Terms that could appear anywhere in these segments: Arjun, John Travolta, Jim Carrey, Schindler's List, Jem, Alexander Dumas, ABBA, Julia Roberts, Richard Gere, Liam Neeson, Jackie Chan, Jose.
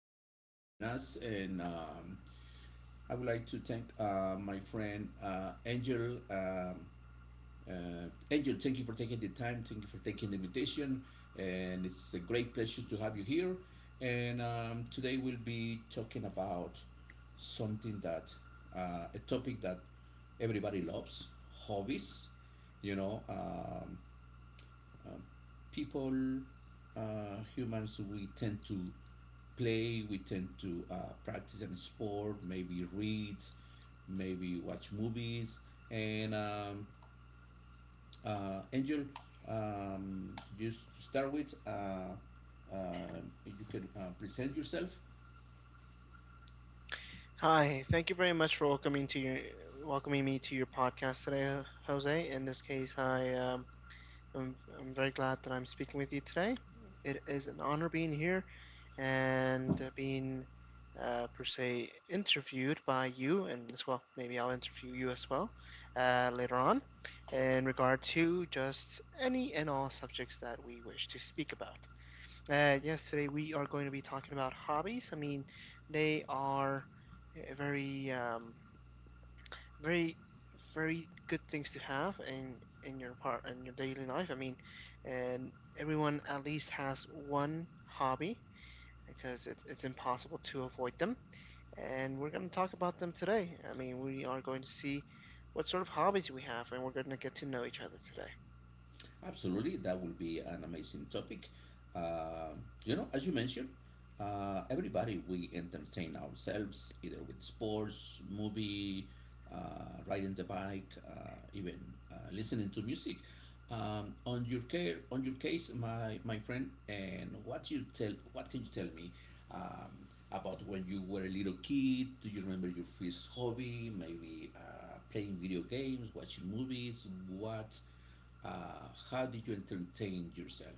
Thank you for joining us. And I would like to thank my friend Angel. Angel, thank you for taking the time. Thank you for taking the invitation. And it's a great pleasure to have you here. And Today we'll be talking about something that, a topic that everybody loves: hobbies. You know, um, uh, People, humans, we tend to play, we tend to practice and sport, maybe read, maybe watch movies. And Angel, um, just to start with, you can present yourself. Absolutely, that will be an amazing topic. Uh, you know, as you mentioned, everybody, we entertain ourselves either with sports, movie, riding the bike, even listening to music. On your care, on your case, my friend, and what you tell, what can you tell me um, about when you were a little kid? Do you remember your first hobby? Maybe playing video games, watching movies. What? How do you entertain yourself?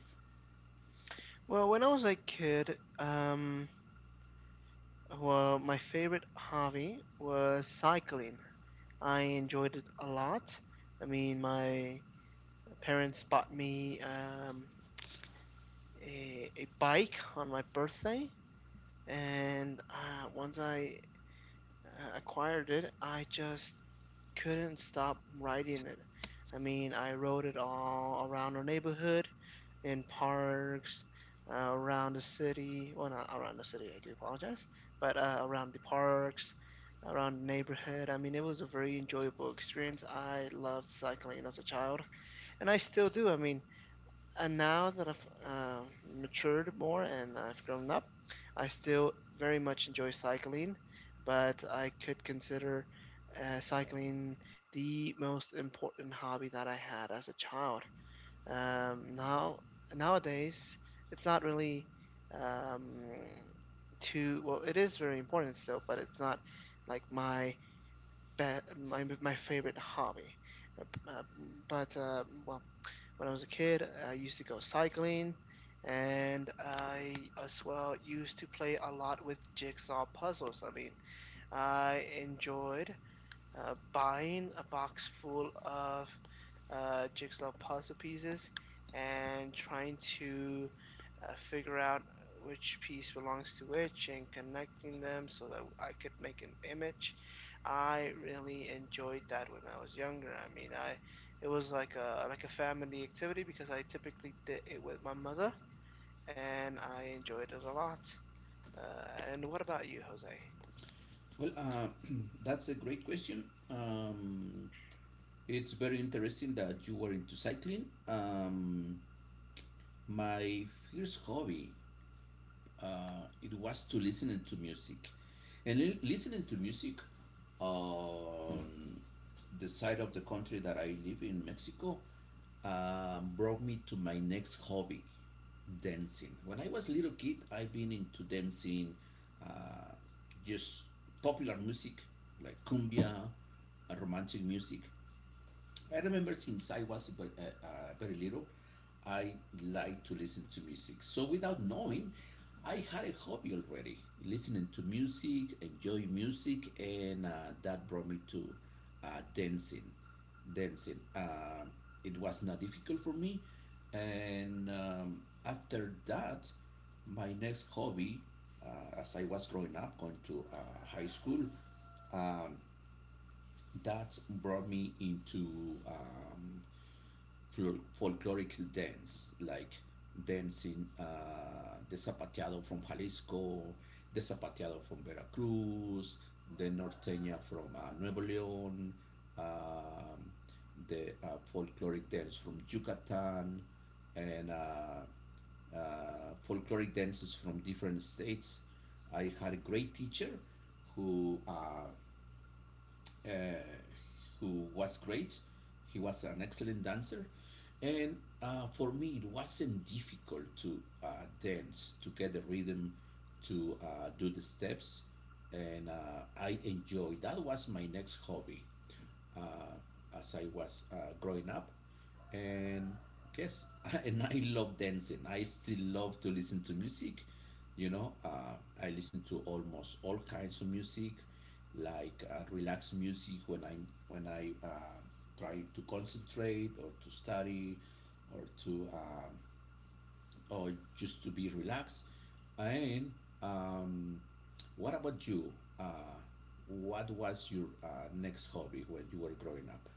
Well, that's a great question. Um, it's very interesting that you were into cycling. My first hobby, it was to listening to music, and listening to music on the side of the country that I live in Mexico brought me to my next hobby, dancing. When I was a little kid, I've been into dancing, uh, just popular music like cumbia, romantic music. I remember since I was very, very little, I liked to listen to music. So without knowing, I had a hobby already, listening to music, enjoy music, and that brought me to uh, dancing. Dancing. It was not difficult for me, and after that, my next hobby, as I was growing up, going to high school, that brought me into folkloric dance, like dancing the zapateado from Jalisco, the zapateado from Veracruz, the norteña from Nuevo León, um, the folkloric dance from Yucatan, and uh, folkloric dances from different states. I had a great teacher who uh, who was great. He was an excellent dancer. And for me, it wasn't difficult to dance, to get the rhythm, to do the steps. And I enjoyed that was my next hobby uh, as I was growing up. And yes, and I love dancing. I still love to listen to music. You know, I listen to almost all kinds of music, like relaxed music when I when I try to concentrate or to study or to or just to be relaxed. And um, what about you? Uh, what was your next hobby when you were growing up?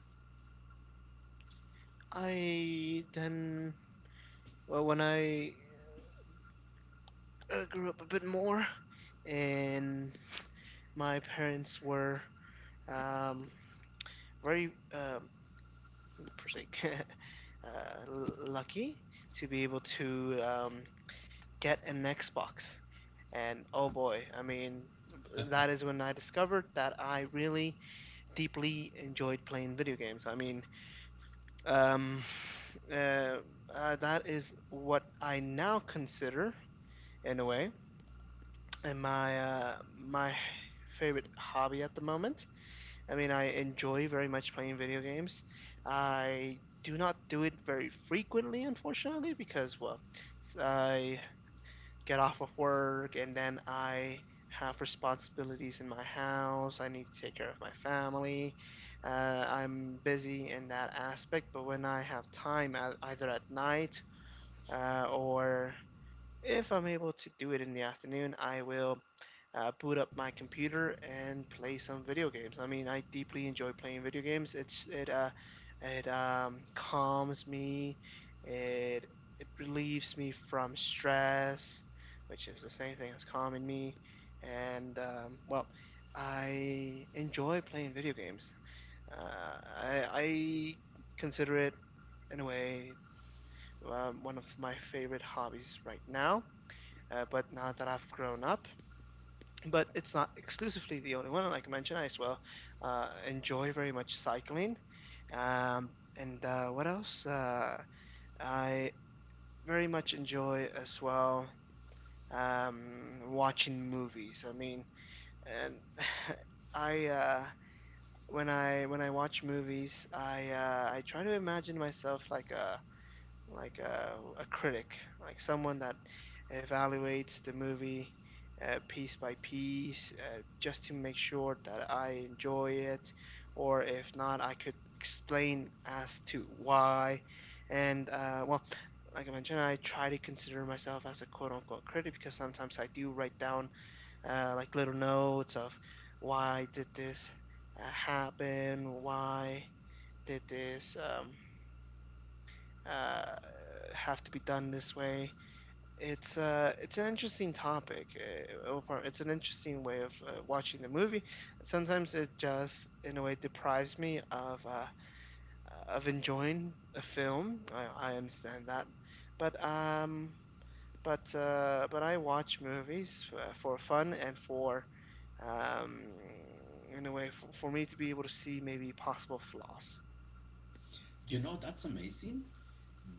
You know, that's amazing.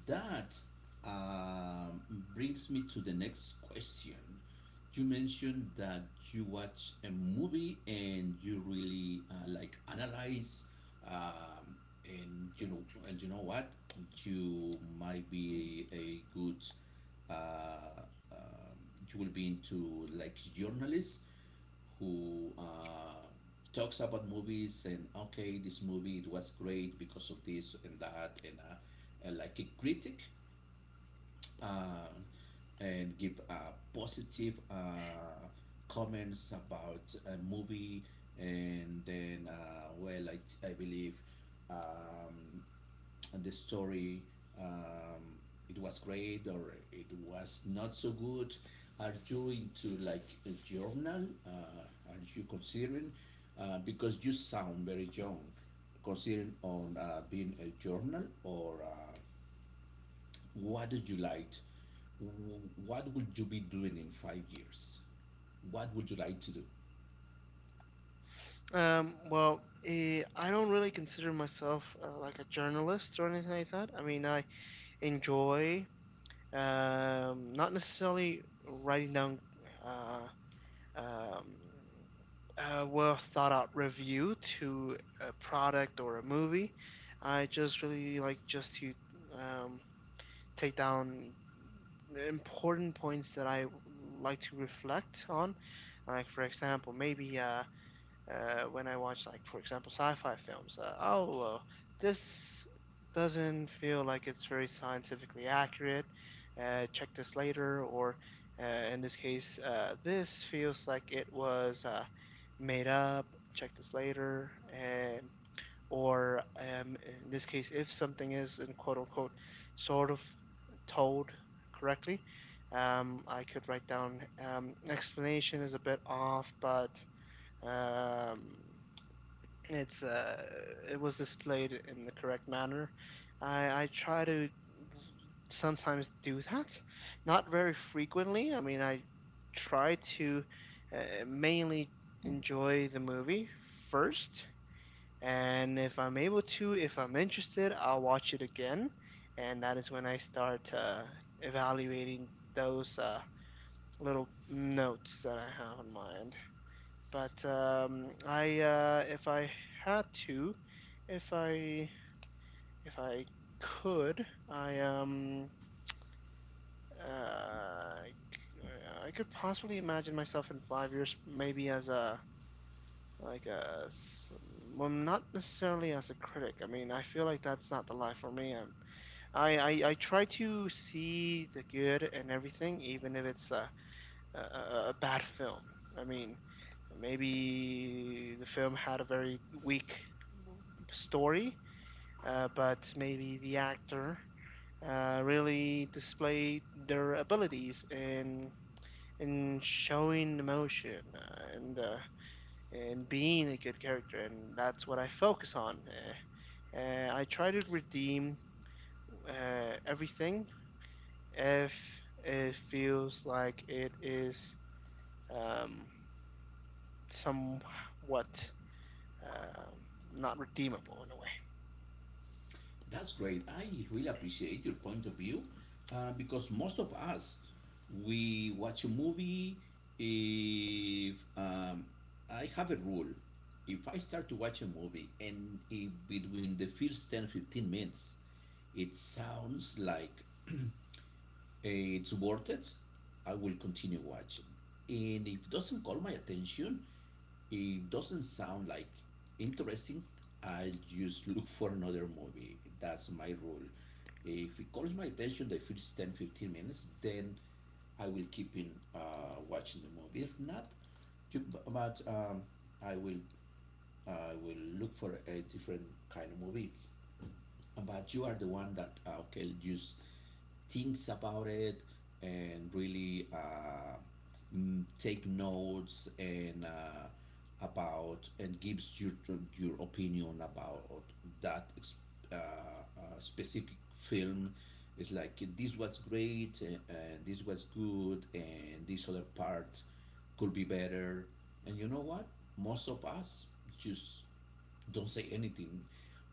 That um, brings me to the next question. You mentioned that you watch a movie and you really like analyze, um, and you know what, you might be a good uh, uh, um, you will be into like journalists who talks about movies and okay, this movie it was great because of this and that and like a critic uh, and give positive comments about a movie. And then, well, I believe um, the story, um, it was great or it was not so good. Are you into like a journal? Are you considering? Because you sound very young, considering on being a journal or. What did you like? What would you be doing in 5 years? What would you like to do? That's great. I really appreciate your point of view because most of us, we watch a movie. If I have a rule, if I start to watch a movie and if between the first 10-15 minutes, it sounds like it's worth it, I will continue watching. And if it doesn't call my attention, it doesn't sound like interesting, I'll just look for another movie. That's my rule. If it calls my attention the first 10-15 minutes, then I will keep in watching the movie. If not, to, but I will I will look for a different kind of movie, but you are the one that okay, just thinks about it and really take notes and about and gives your opinion about that specific film. It's like this was great and this was good and this other part could be better. And you know what? Most of us just don't say anything.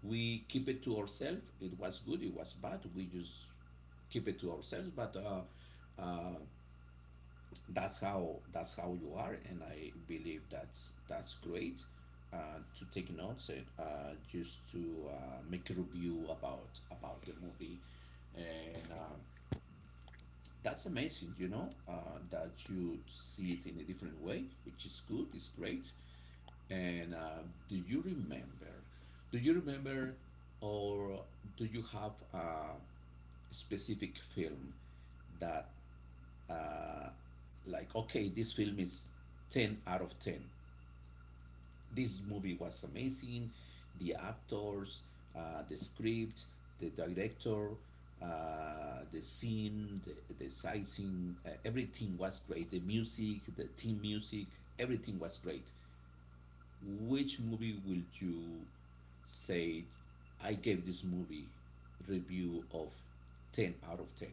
We keep it to ourselves. It was good, it was bad. We just keep it to ourselves. But that's how you are, and I believe that's great. To take notes and just to make a review about the movie, and that's amazing. You know that you see it in a different way, which is good. It's great. And do you remember? Do you remember, or do you have a specific film that, uh, like, okay, this film is ten out of ten. This movie was amazing. The actors, the script, the director, the scene, the sightseeing, everything was great. The music, the team music, everything was great. Which movie will you say I gave this movie review of 10 out of 10?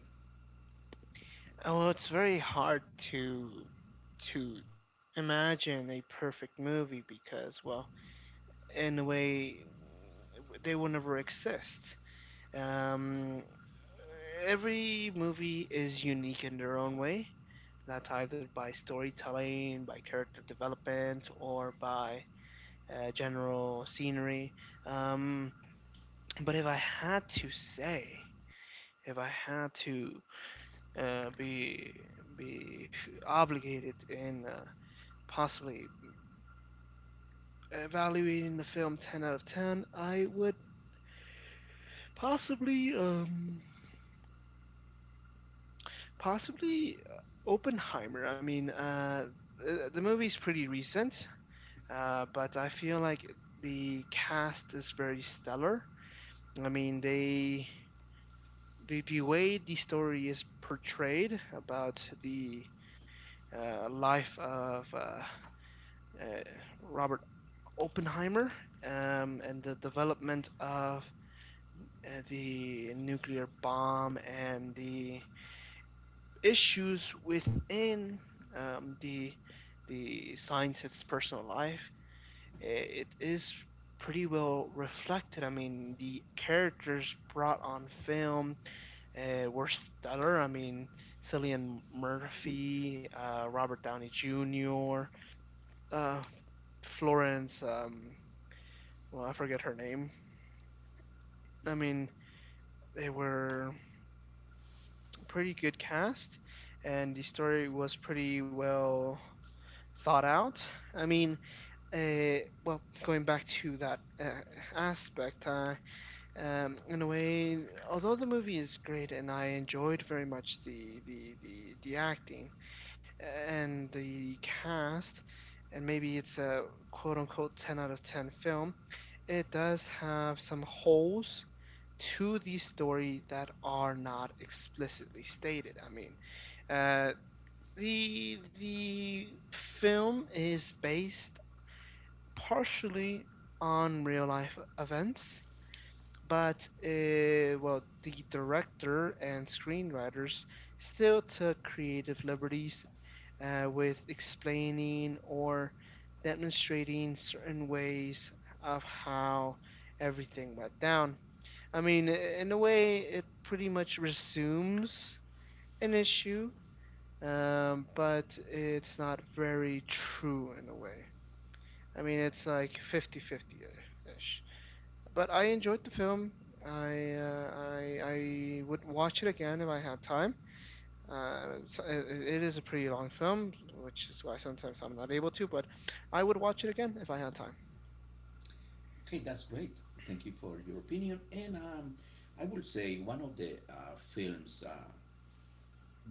Okay, that's great. Thank you for your opinion. And I would say one of the films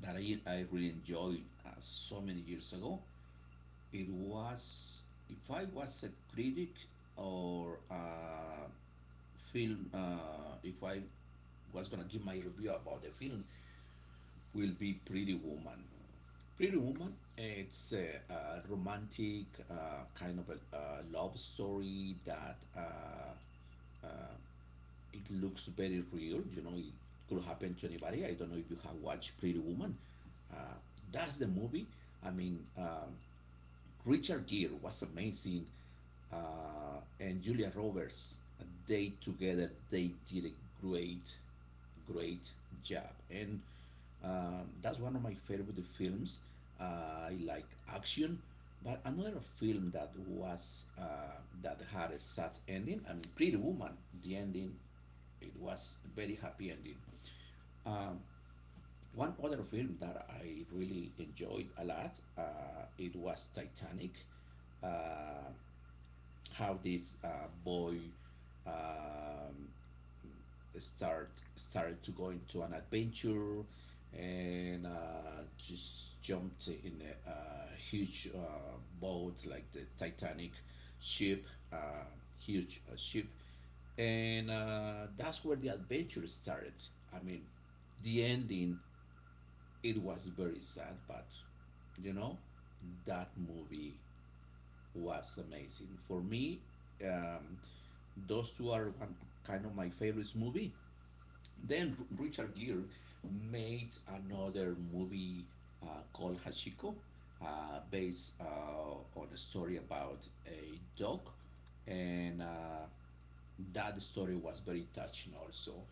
that I really enjoyed so many years ago, it was, if I was a critic or a film, if I was gonna give my review about the film, will be Pretty Woman. Pretty Woman, it's a romantic kind of a love story that uh, it looks very real. You know, it could happen to anybody. I don't know if you have watched Pretty Woman. Uh, that's the movie. I mean, Richard Gere was amazing, and Julia Roberts. They together they did a great, great job, and that's one of my favorite films. I like action, but another film that was that had a sad ending. I mean, Pretty Woman. The ending, it was a very happy ending. One other film that I really enjoyed a lot, it was Titanic. Uh, how this boy um, started to go into an adventure and just jumped in a huge boat like the Titanic ship, uh, huge ship, and that's where the adventure started. I mean, the ending it was very sad, but you know that movie was amazing. For me, um, those two are one, kind of my favorite movie. Then Richard Gere made another movie called Hachiko, based on a story about a dog and. That story was very touching also,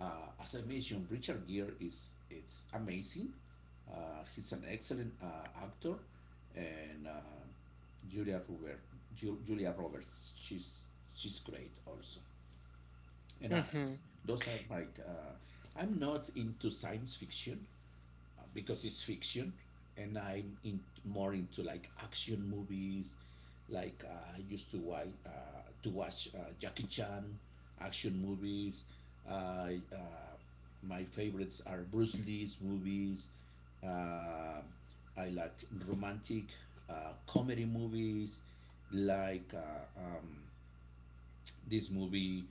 as I mentioned, Richard Gere is, it's amazing. He's an excellent actor, and julia Robert, Ju- julia Roberts, she's great also. And those are like I'm not into science fiction because it's fiction, and I'm in more into like action movies. Like I used to watch Jackie Chan action movies. Uh, uh, my favorites are Bruce Lee's movies. Uh, I like romantic comedy movies, like this movie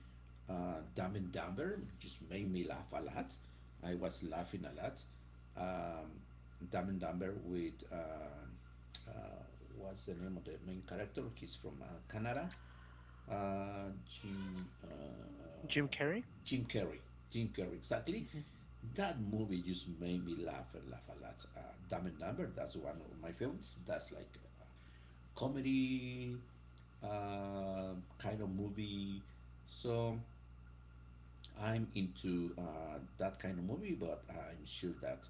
Dumb and Dumber just made me laugh a lot. I was laughing a lot. Um, Dumb and Dumber with uh, what's the name of the main character? He's from Canada. Uh, Jim uh, uh, Jim Carrey. Jim Carrey, exactly. That movie just made me laugh and laugh a lot. Dumb and Dumber, that's one of my favorites. That's like comedy kind of movie. So I'm into that kind of movie, but I'm sure that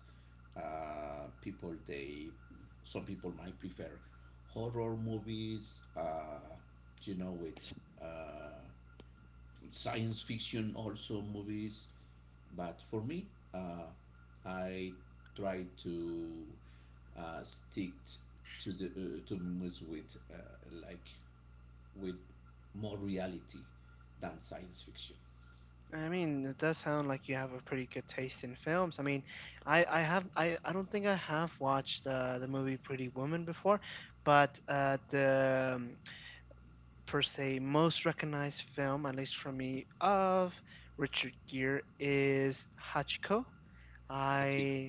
people they, some people might prefer horror movies. You know, with uh, science fiction also movies. But for me, uh, I try to stick to the to movies with like with more reality than science fiction. Hachiko.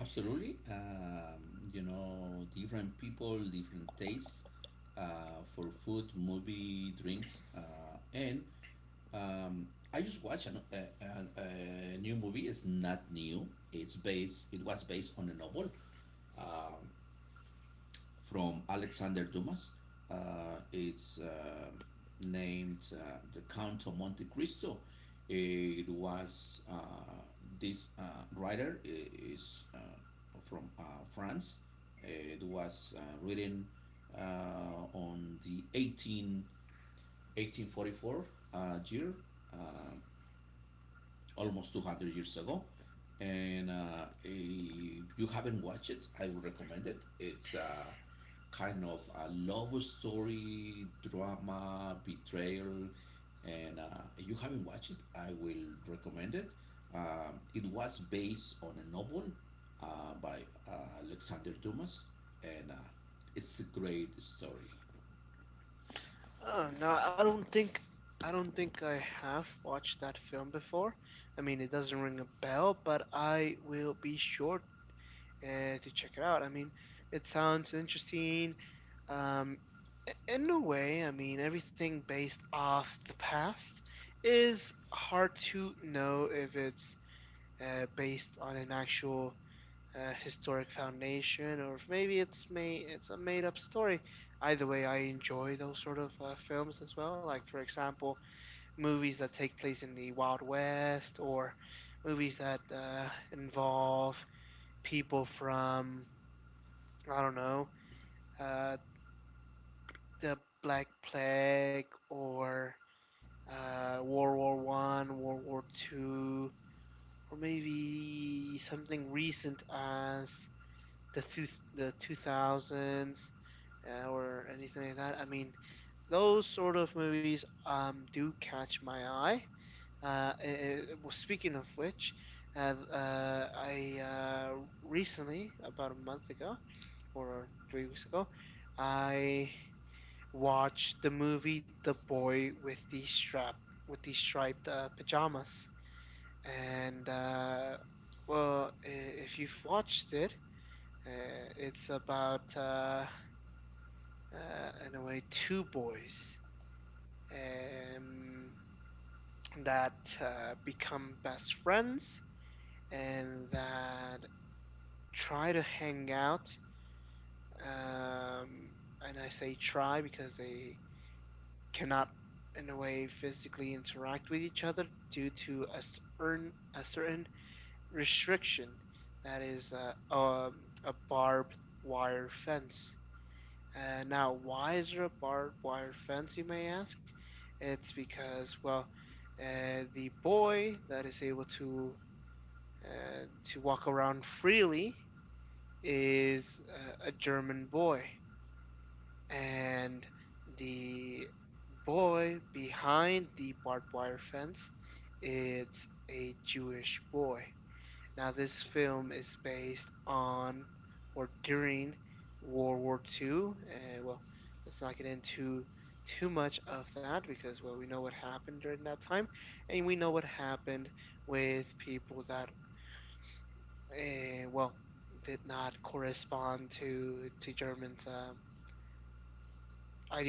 Absolutely. You know, different people, different tastes for food, movie, drinks. And um, I just watched a new movie. It's not new. It was based on a novel. Um, from Alexander Dumas. It's named The Count of Monte Cristo. It was this writer is from France. It was written uh, on the eighteen forty four year. Uh, Almost 200 years ago. And if you haven't watched it, I would recommend it. It's a kind of a love story, drama, betrayal. And if you haven't watched it, I will recommend it. It was based on a novel by Alexander Dumas, and it's a great story.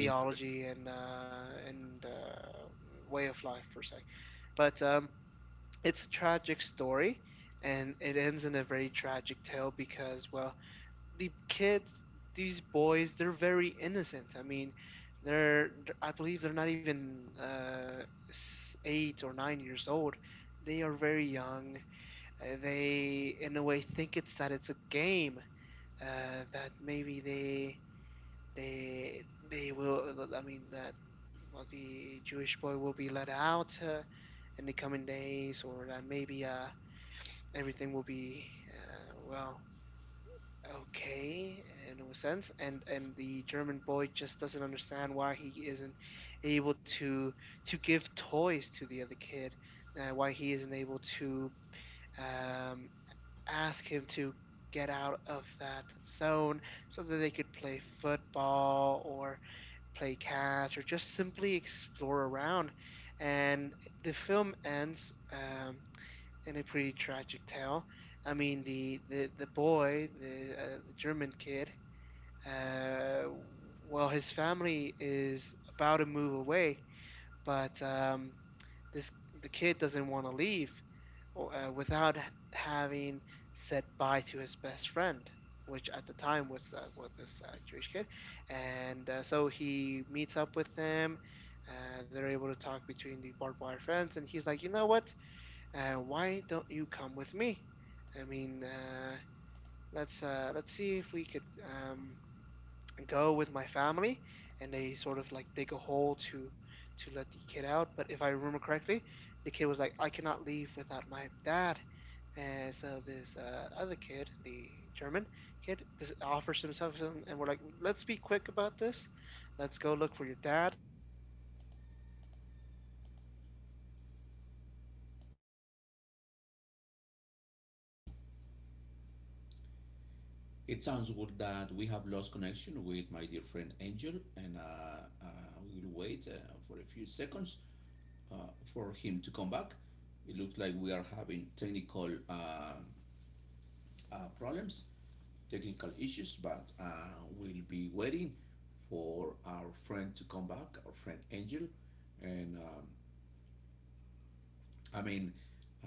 Interest. It sounds good that we have lost connection with my dear friend Angel, and we will wait for a few seconds for him to come back. It looks like we are having technical problems, technical issues, but we'll be waiting for our friend to come back, our friend Angel, and I mean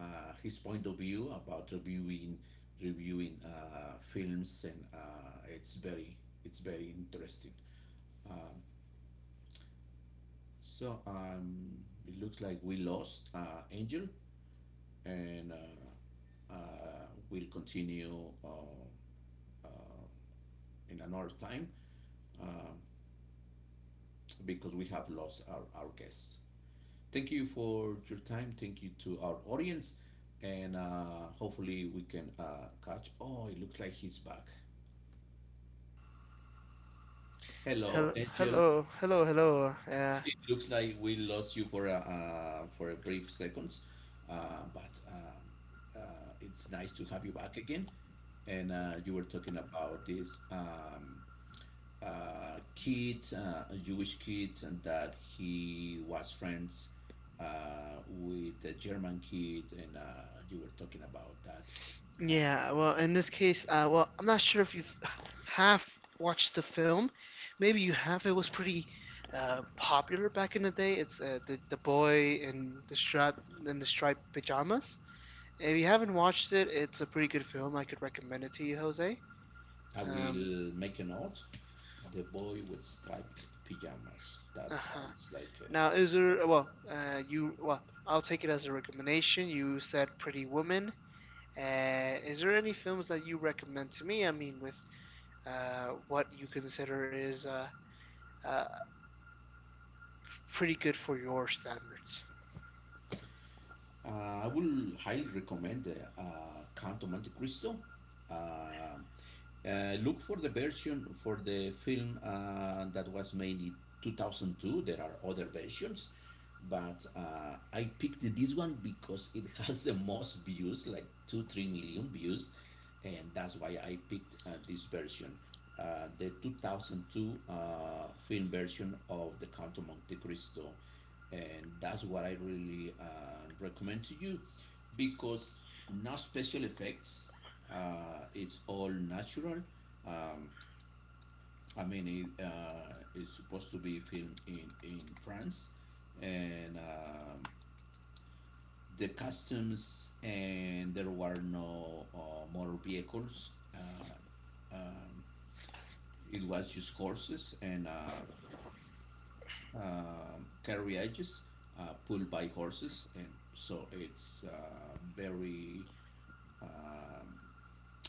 his point of view about reviewing reviewing films, and it's very interesting. Um, So it looks like we lost Angel, and we'll continue uh, in another time uh, because we have lost our guests. Thank you for your time. Thank you to our audience, and hopefully we can catch. Oh, it looks like he's back. Hello, Hello, Angel. hello, hello, hello. Uh, It looks like we lost you for a for a brief seconds, but. It's nice to have you back again. And you were talking about this kid, a Jewish kid, and that he was friends with a German kid, and you were talking about that. Uh, yeah, well, in this case, well, I'm not sure if you have watched the film. Maybe you have. It was pretty popular back in the day. It's the boy in the striped pajamas. If you haven't watched it, it's a pretty good film. I could recommend it to you, Jose. I Um, will make a note. The boy with striped pajamas. That uh-huh. sounds like Now, is great. there? Well, I'll take it as a recommendation. You said Pretty Woman. Is there any films that you recommend to me? I mean, with what you consider is uh, pretty good for your standards. I will highly recommend Count of Monte Cristo. Uh, uh, look for the version for the film that was made in 2002. There are other versions, but I picked this one because it has the most views, like two, 3 million views, and that's why I picked this version. The 2002 film version of The Count of Monte Cristo, and that's what I really recommend to you because no special effects. It's all natural. Um, I mean, it is supposed to be filmed in France, and the customs, and there were no motor vehicles. Um, it was just horses and carriages pulled by horses, and so it's a very um,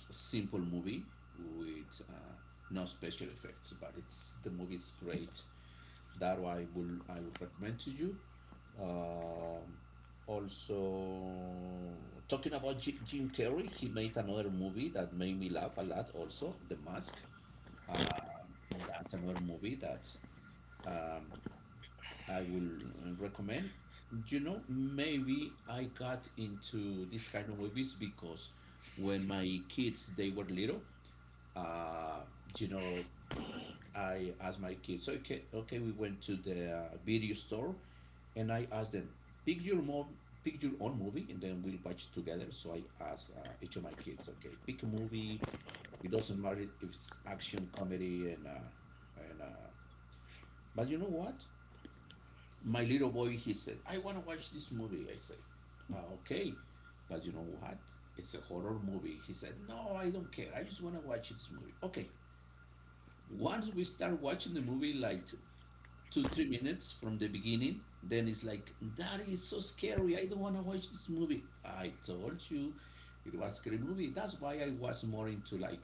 simple movie with no special effects. But it's, the movie's great. That I would recommend to you. Um, Also, talking about Jim Carrey, he made another movie that made me laugh a lot. Also, The Mask. Uh, that's another movie that um, I will recommend. You know, maybe I got into this kind of movies because when my kids they were little, uh, you know, I asked my kids, okay, we went to the video store and I asked them, pick your mo- pick your own movie, and then we'll watch it together. So I asked each of my kids, okay, pick a movie. It doesn't matter if it's action, comedy, and but you know what? My little boy, he said, "I want to watch this movie." I said, "Ah, okay, but you know what? It's a horror movie." He said, "No, I don't care. I just want to watch this movie." Okay. Once we start watching the movie, like two, 3 minutes from the beginning, then it's like, "Daddy, it's so scary. I don't want to watch this movie." I told you it was a scary movie. That's why I was more into like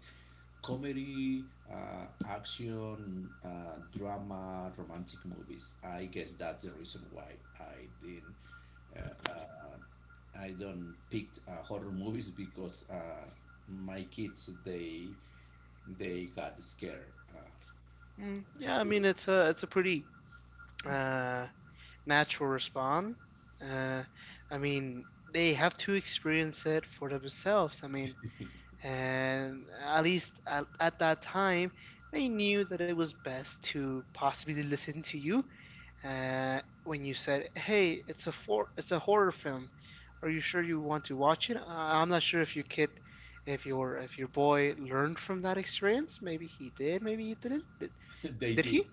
comedy, action, drama, romantic movies. I guess that's the reason why I didn't. Uh, uh, I don't picked horror movies because my kids they got scared. Mm, yeah, I with mean it's a pretty uh, natural response. Uh, I mean they have to experience it for themselves. I mean, it. and at least at that time, they knew that it was best to possibly listen to you uh, when you said, "Hey, it's a horror film. Are you sure you want to watch it?" I'm not sure if your kid, if your boy learned from that experience. Maybe he did. Maybe he didn't. They Did he? did,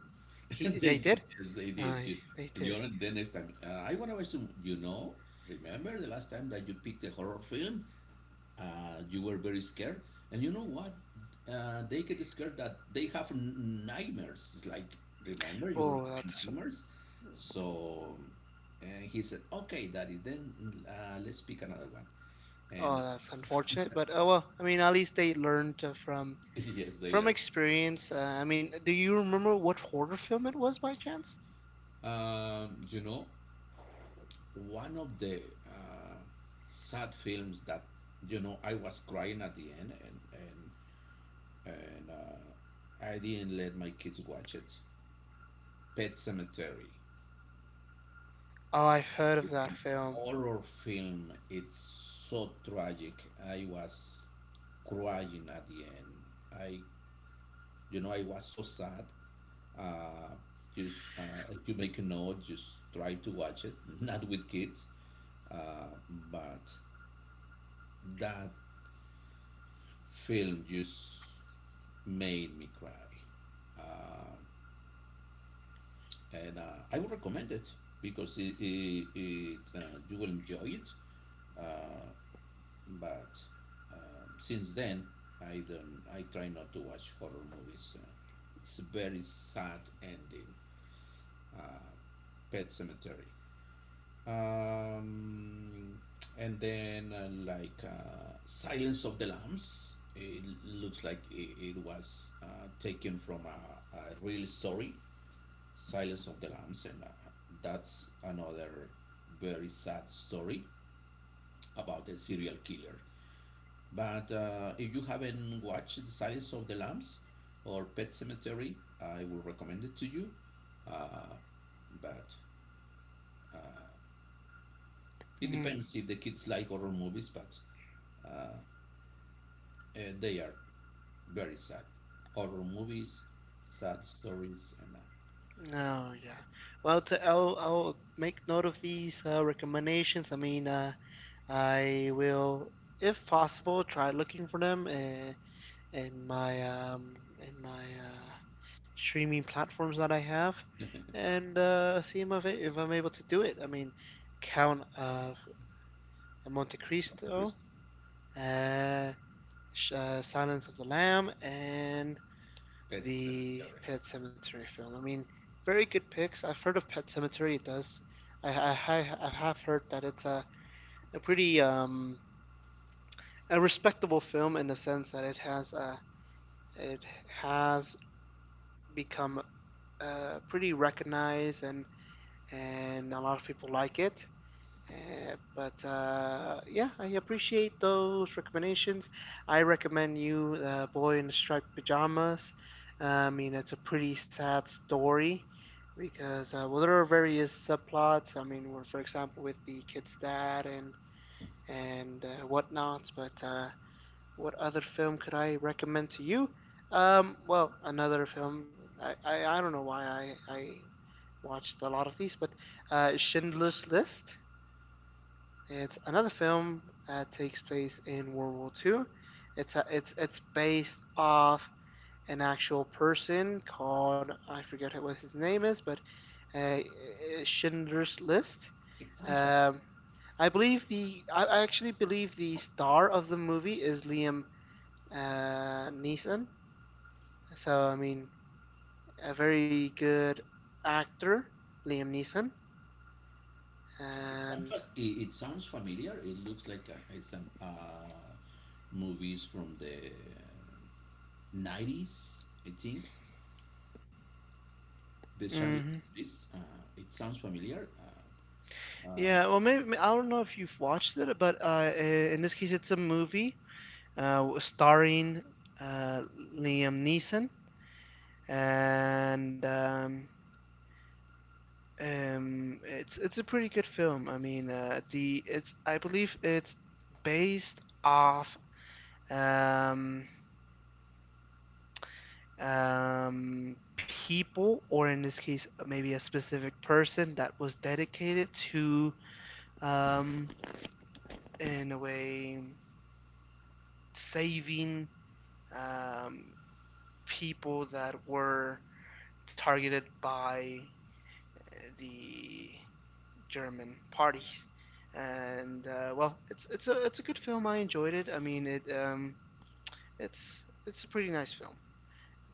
He they did. Yes, they did. You, Aye, they you did. know, the next time I wanna watch some- You know, remember the last time that you picked a horror film? You were very scared, and you know what, they get scared that they have nightmares. It's like, remember you were Oh, having that's nightmares, so, and he said, "Okay, Daddy, then let's pick another one." And oh that's unfortunate. But oh well. I mean, at least they learned yes, they from learned. experience. I mean, do you remember what horror film it was by chance? You know, one of the uh, sad films that, you know, I was crying at the end, and and I didn't let my kids watch it. Pet Cemetery. Oh, I've heard of It's that an film. horror film. It's so tragic. I was crying at the end. I, you know, I was so sad. Uh, just you make a note. Just try to watch it, not with kids. Uh, but that film just made me cry. Um and I would recommend it because it, you will enjoy it. Uh, but since then, I try not to watch horror movies. It's a very sad ending. Uh, Pet Cemetery, um, and then like Silence of the Lambs. It looks like it was taken from a real story, Silence of the Lambs, and that's another very sad story about a serial killer. But if you haven't watched The Silence of the Lambs or Pet Cemetery, I will recommend it to you. Uh, but uh, it Hmm. depends if the kids like horror movies, but uh, they are very sad. Horror movies, sad stories, and Oh yeah. Well, to, I'll make note of these recommendations. I mean, I will, if possible, try looking for them in my um, in my streaming platforms that I have, uh, and see if I'm able to do it. I mean, Count of Monte Dr. Cristo, Christie. uh, Silence of the Lamb, and Pet the Cemetery. Pet Cemetery film. I mean, very good picks. I've heard of Pet Cemetery. It does. I have heard that it's a pretty a respectable film in the sense that it has a it has become pretty recognized and a lot of people like it. But yeah, I appreciate those recommendations. I recommend you the boy in the striped pajamas. I mean, it's a pretty sad story because well, there are various subplots. I mean, where, for example, with the kid's dad and whatnot. But What other film could I recommend to you? Well, another film. I don't know why I watched a lot of these, but Schindler's List. It's another film that takes place in World War II. It's it's based off an actual person called I forget what his name is, but Schindler's List. It sounds familiar. Um, I believe the I actually believe the star of the movie is Liam Neeson. So I mean, a very good actor, Liam Neeson, It sounds, and it sounds familiar. It looks like it's some movies from the nineties, I think. The Chandelier mhm. Suisse, it sounds familiar. Um, Yeah, well, I don't know if you've watched it, but in this case, it's a movie starring uh, Liam Neeson, and it's a pretty good film. I mean, the it's I believe it's based off um, people, or in this case, maybe a specific person that was dedicated to, um, in a way, saving um, people that were targeted by the German parties. And well, it's a good film. I enjoyed it. I mean, it's a pretty nice film.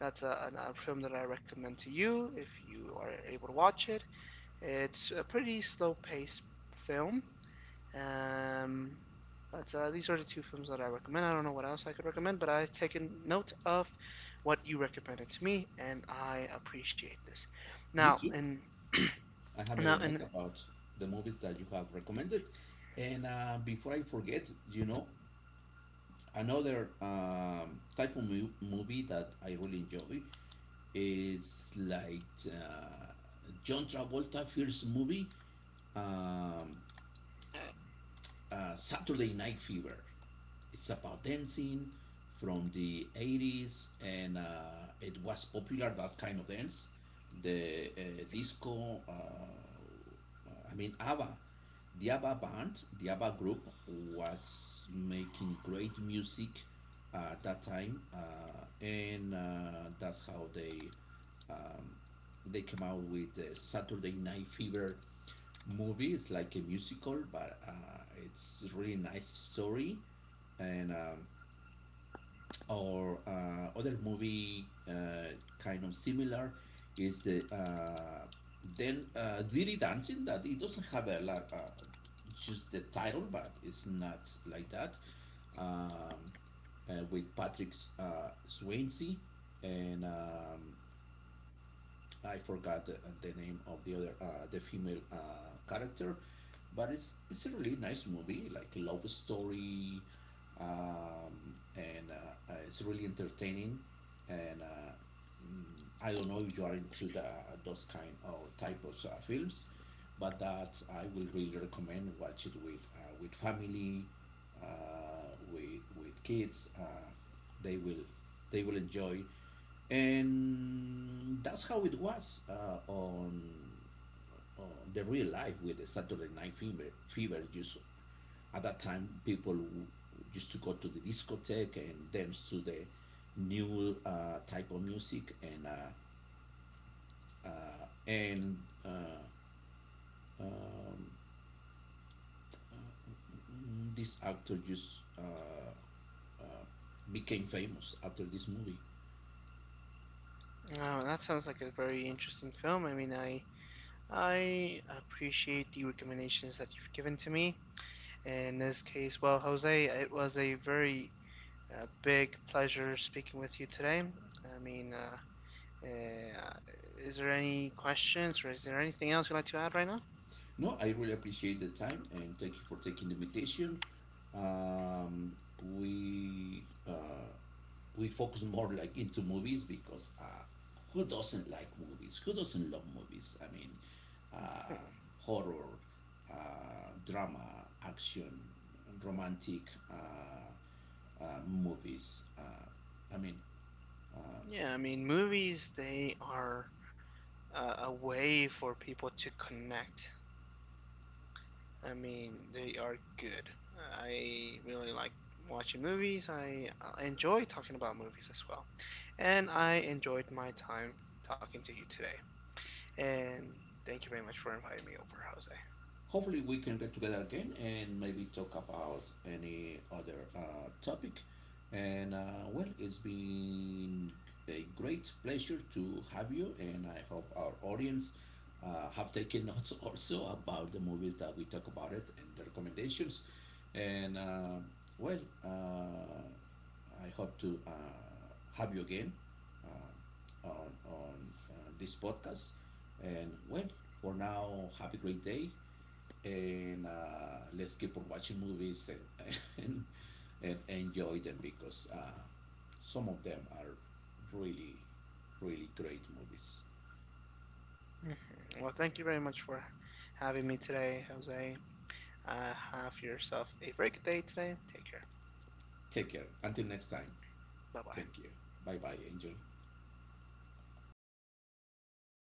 That's a film that I recommend to you if you are able to watch it. It's a pretty slow paced film. Um, but these are the two films that I recommend. I don't know what else I could recommend, but I've taken note of what you recommended to me, and I appreciate this. Me Now, too. and I have made a now, note and about the movies that you have recommended. And before I forget, you know, another type of movie that I really enjoy is like John Travolta first movie, um, Saturday Night Fever. It's about dancing from the 80s, and it was popular that kind of dance, the disco, I mean ABBA. The ABBA band, the ABBA group, was making great music at that time, and that's how um, they came out with the Saturday Night Fever movie. It's like a musical, but it's really nice story. And or other movie kind of similar is the then Dirty Dancing, that it doesn't have a lot, just the title, but it's not like that. um, uh, with Patrick Swayze, and I forgot the name of the other, the female character, but it's a really nice movie, like a love story, and it's really entertaining, and mm, I don't know if you are into the those kind of type of films, but that I will really recommend watch it with family, with kids. They will they will enjoy, and that's how it was on uh, the real life with the Saturday Night Fever. Fever just at that time people used to go to the discotheque and dance to the new type of music, and uh, um, this actor just uh, became famous after this movie. That sounds like a very interesting film. I mean, I appreciate the recommendations that you've given to me. In this case, well, Jose, it was a very big pleasure speaking with you today. I mean, uh, Uh, is there any questions or is there anything else you'd like to add right now? No, I really appreciate the time, and thank you for taking the invitation. Um, we uh, we focus more like into movies because who doesn't like movies? Who doesn't love movies? I mean, Hmm. uh, horror, drama, action, romantic uh, movies. I mean, uh, Yeah, I mean, movies, they are a way for people to connect. I mean, they are good. I really like watching movies. I enjoy talking about movies as well. And I enjoyed my time talking to you today. And thank you very much for inviting me over, Jose. Hopefully we can get together again and maybe talk about any other topic, and well, it's been a great pleasure to have you, and I hope our audience have taken notes also about the movies that we talk about it and the recommendations, and well uh, I hope to have you again on this podcast, and well, for now, have a great day, and let's keep on watching movies and and enjoy them because some of them are really really great movies. Mhm. Well, thank you very much for having me today, Jose. Have yourself a very good day today. Take care. Take care. Until next time. Bye bye. Thank you. Bye bye, Angel.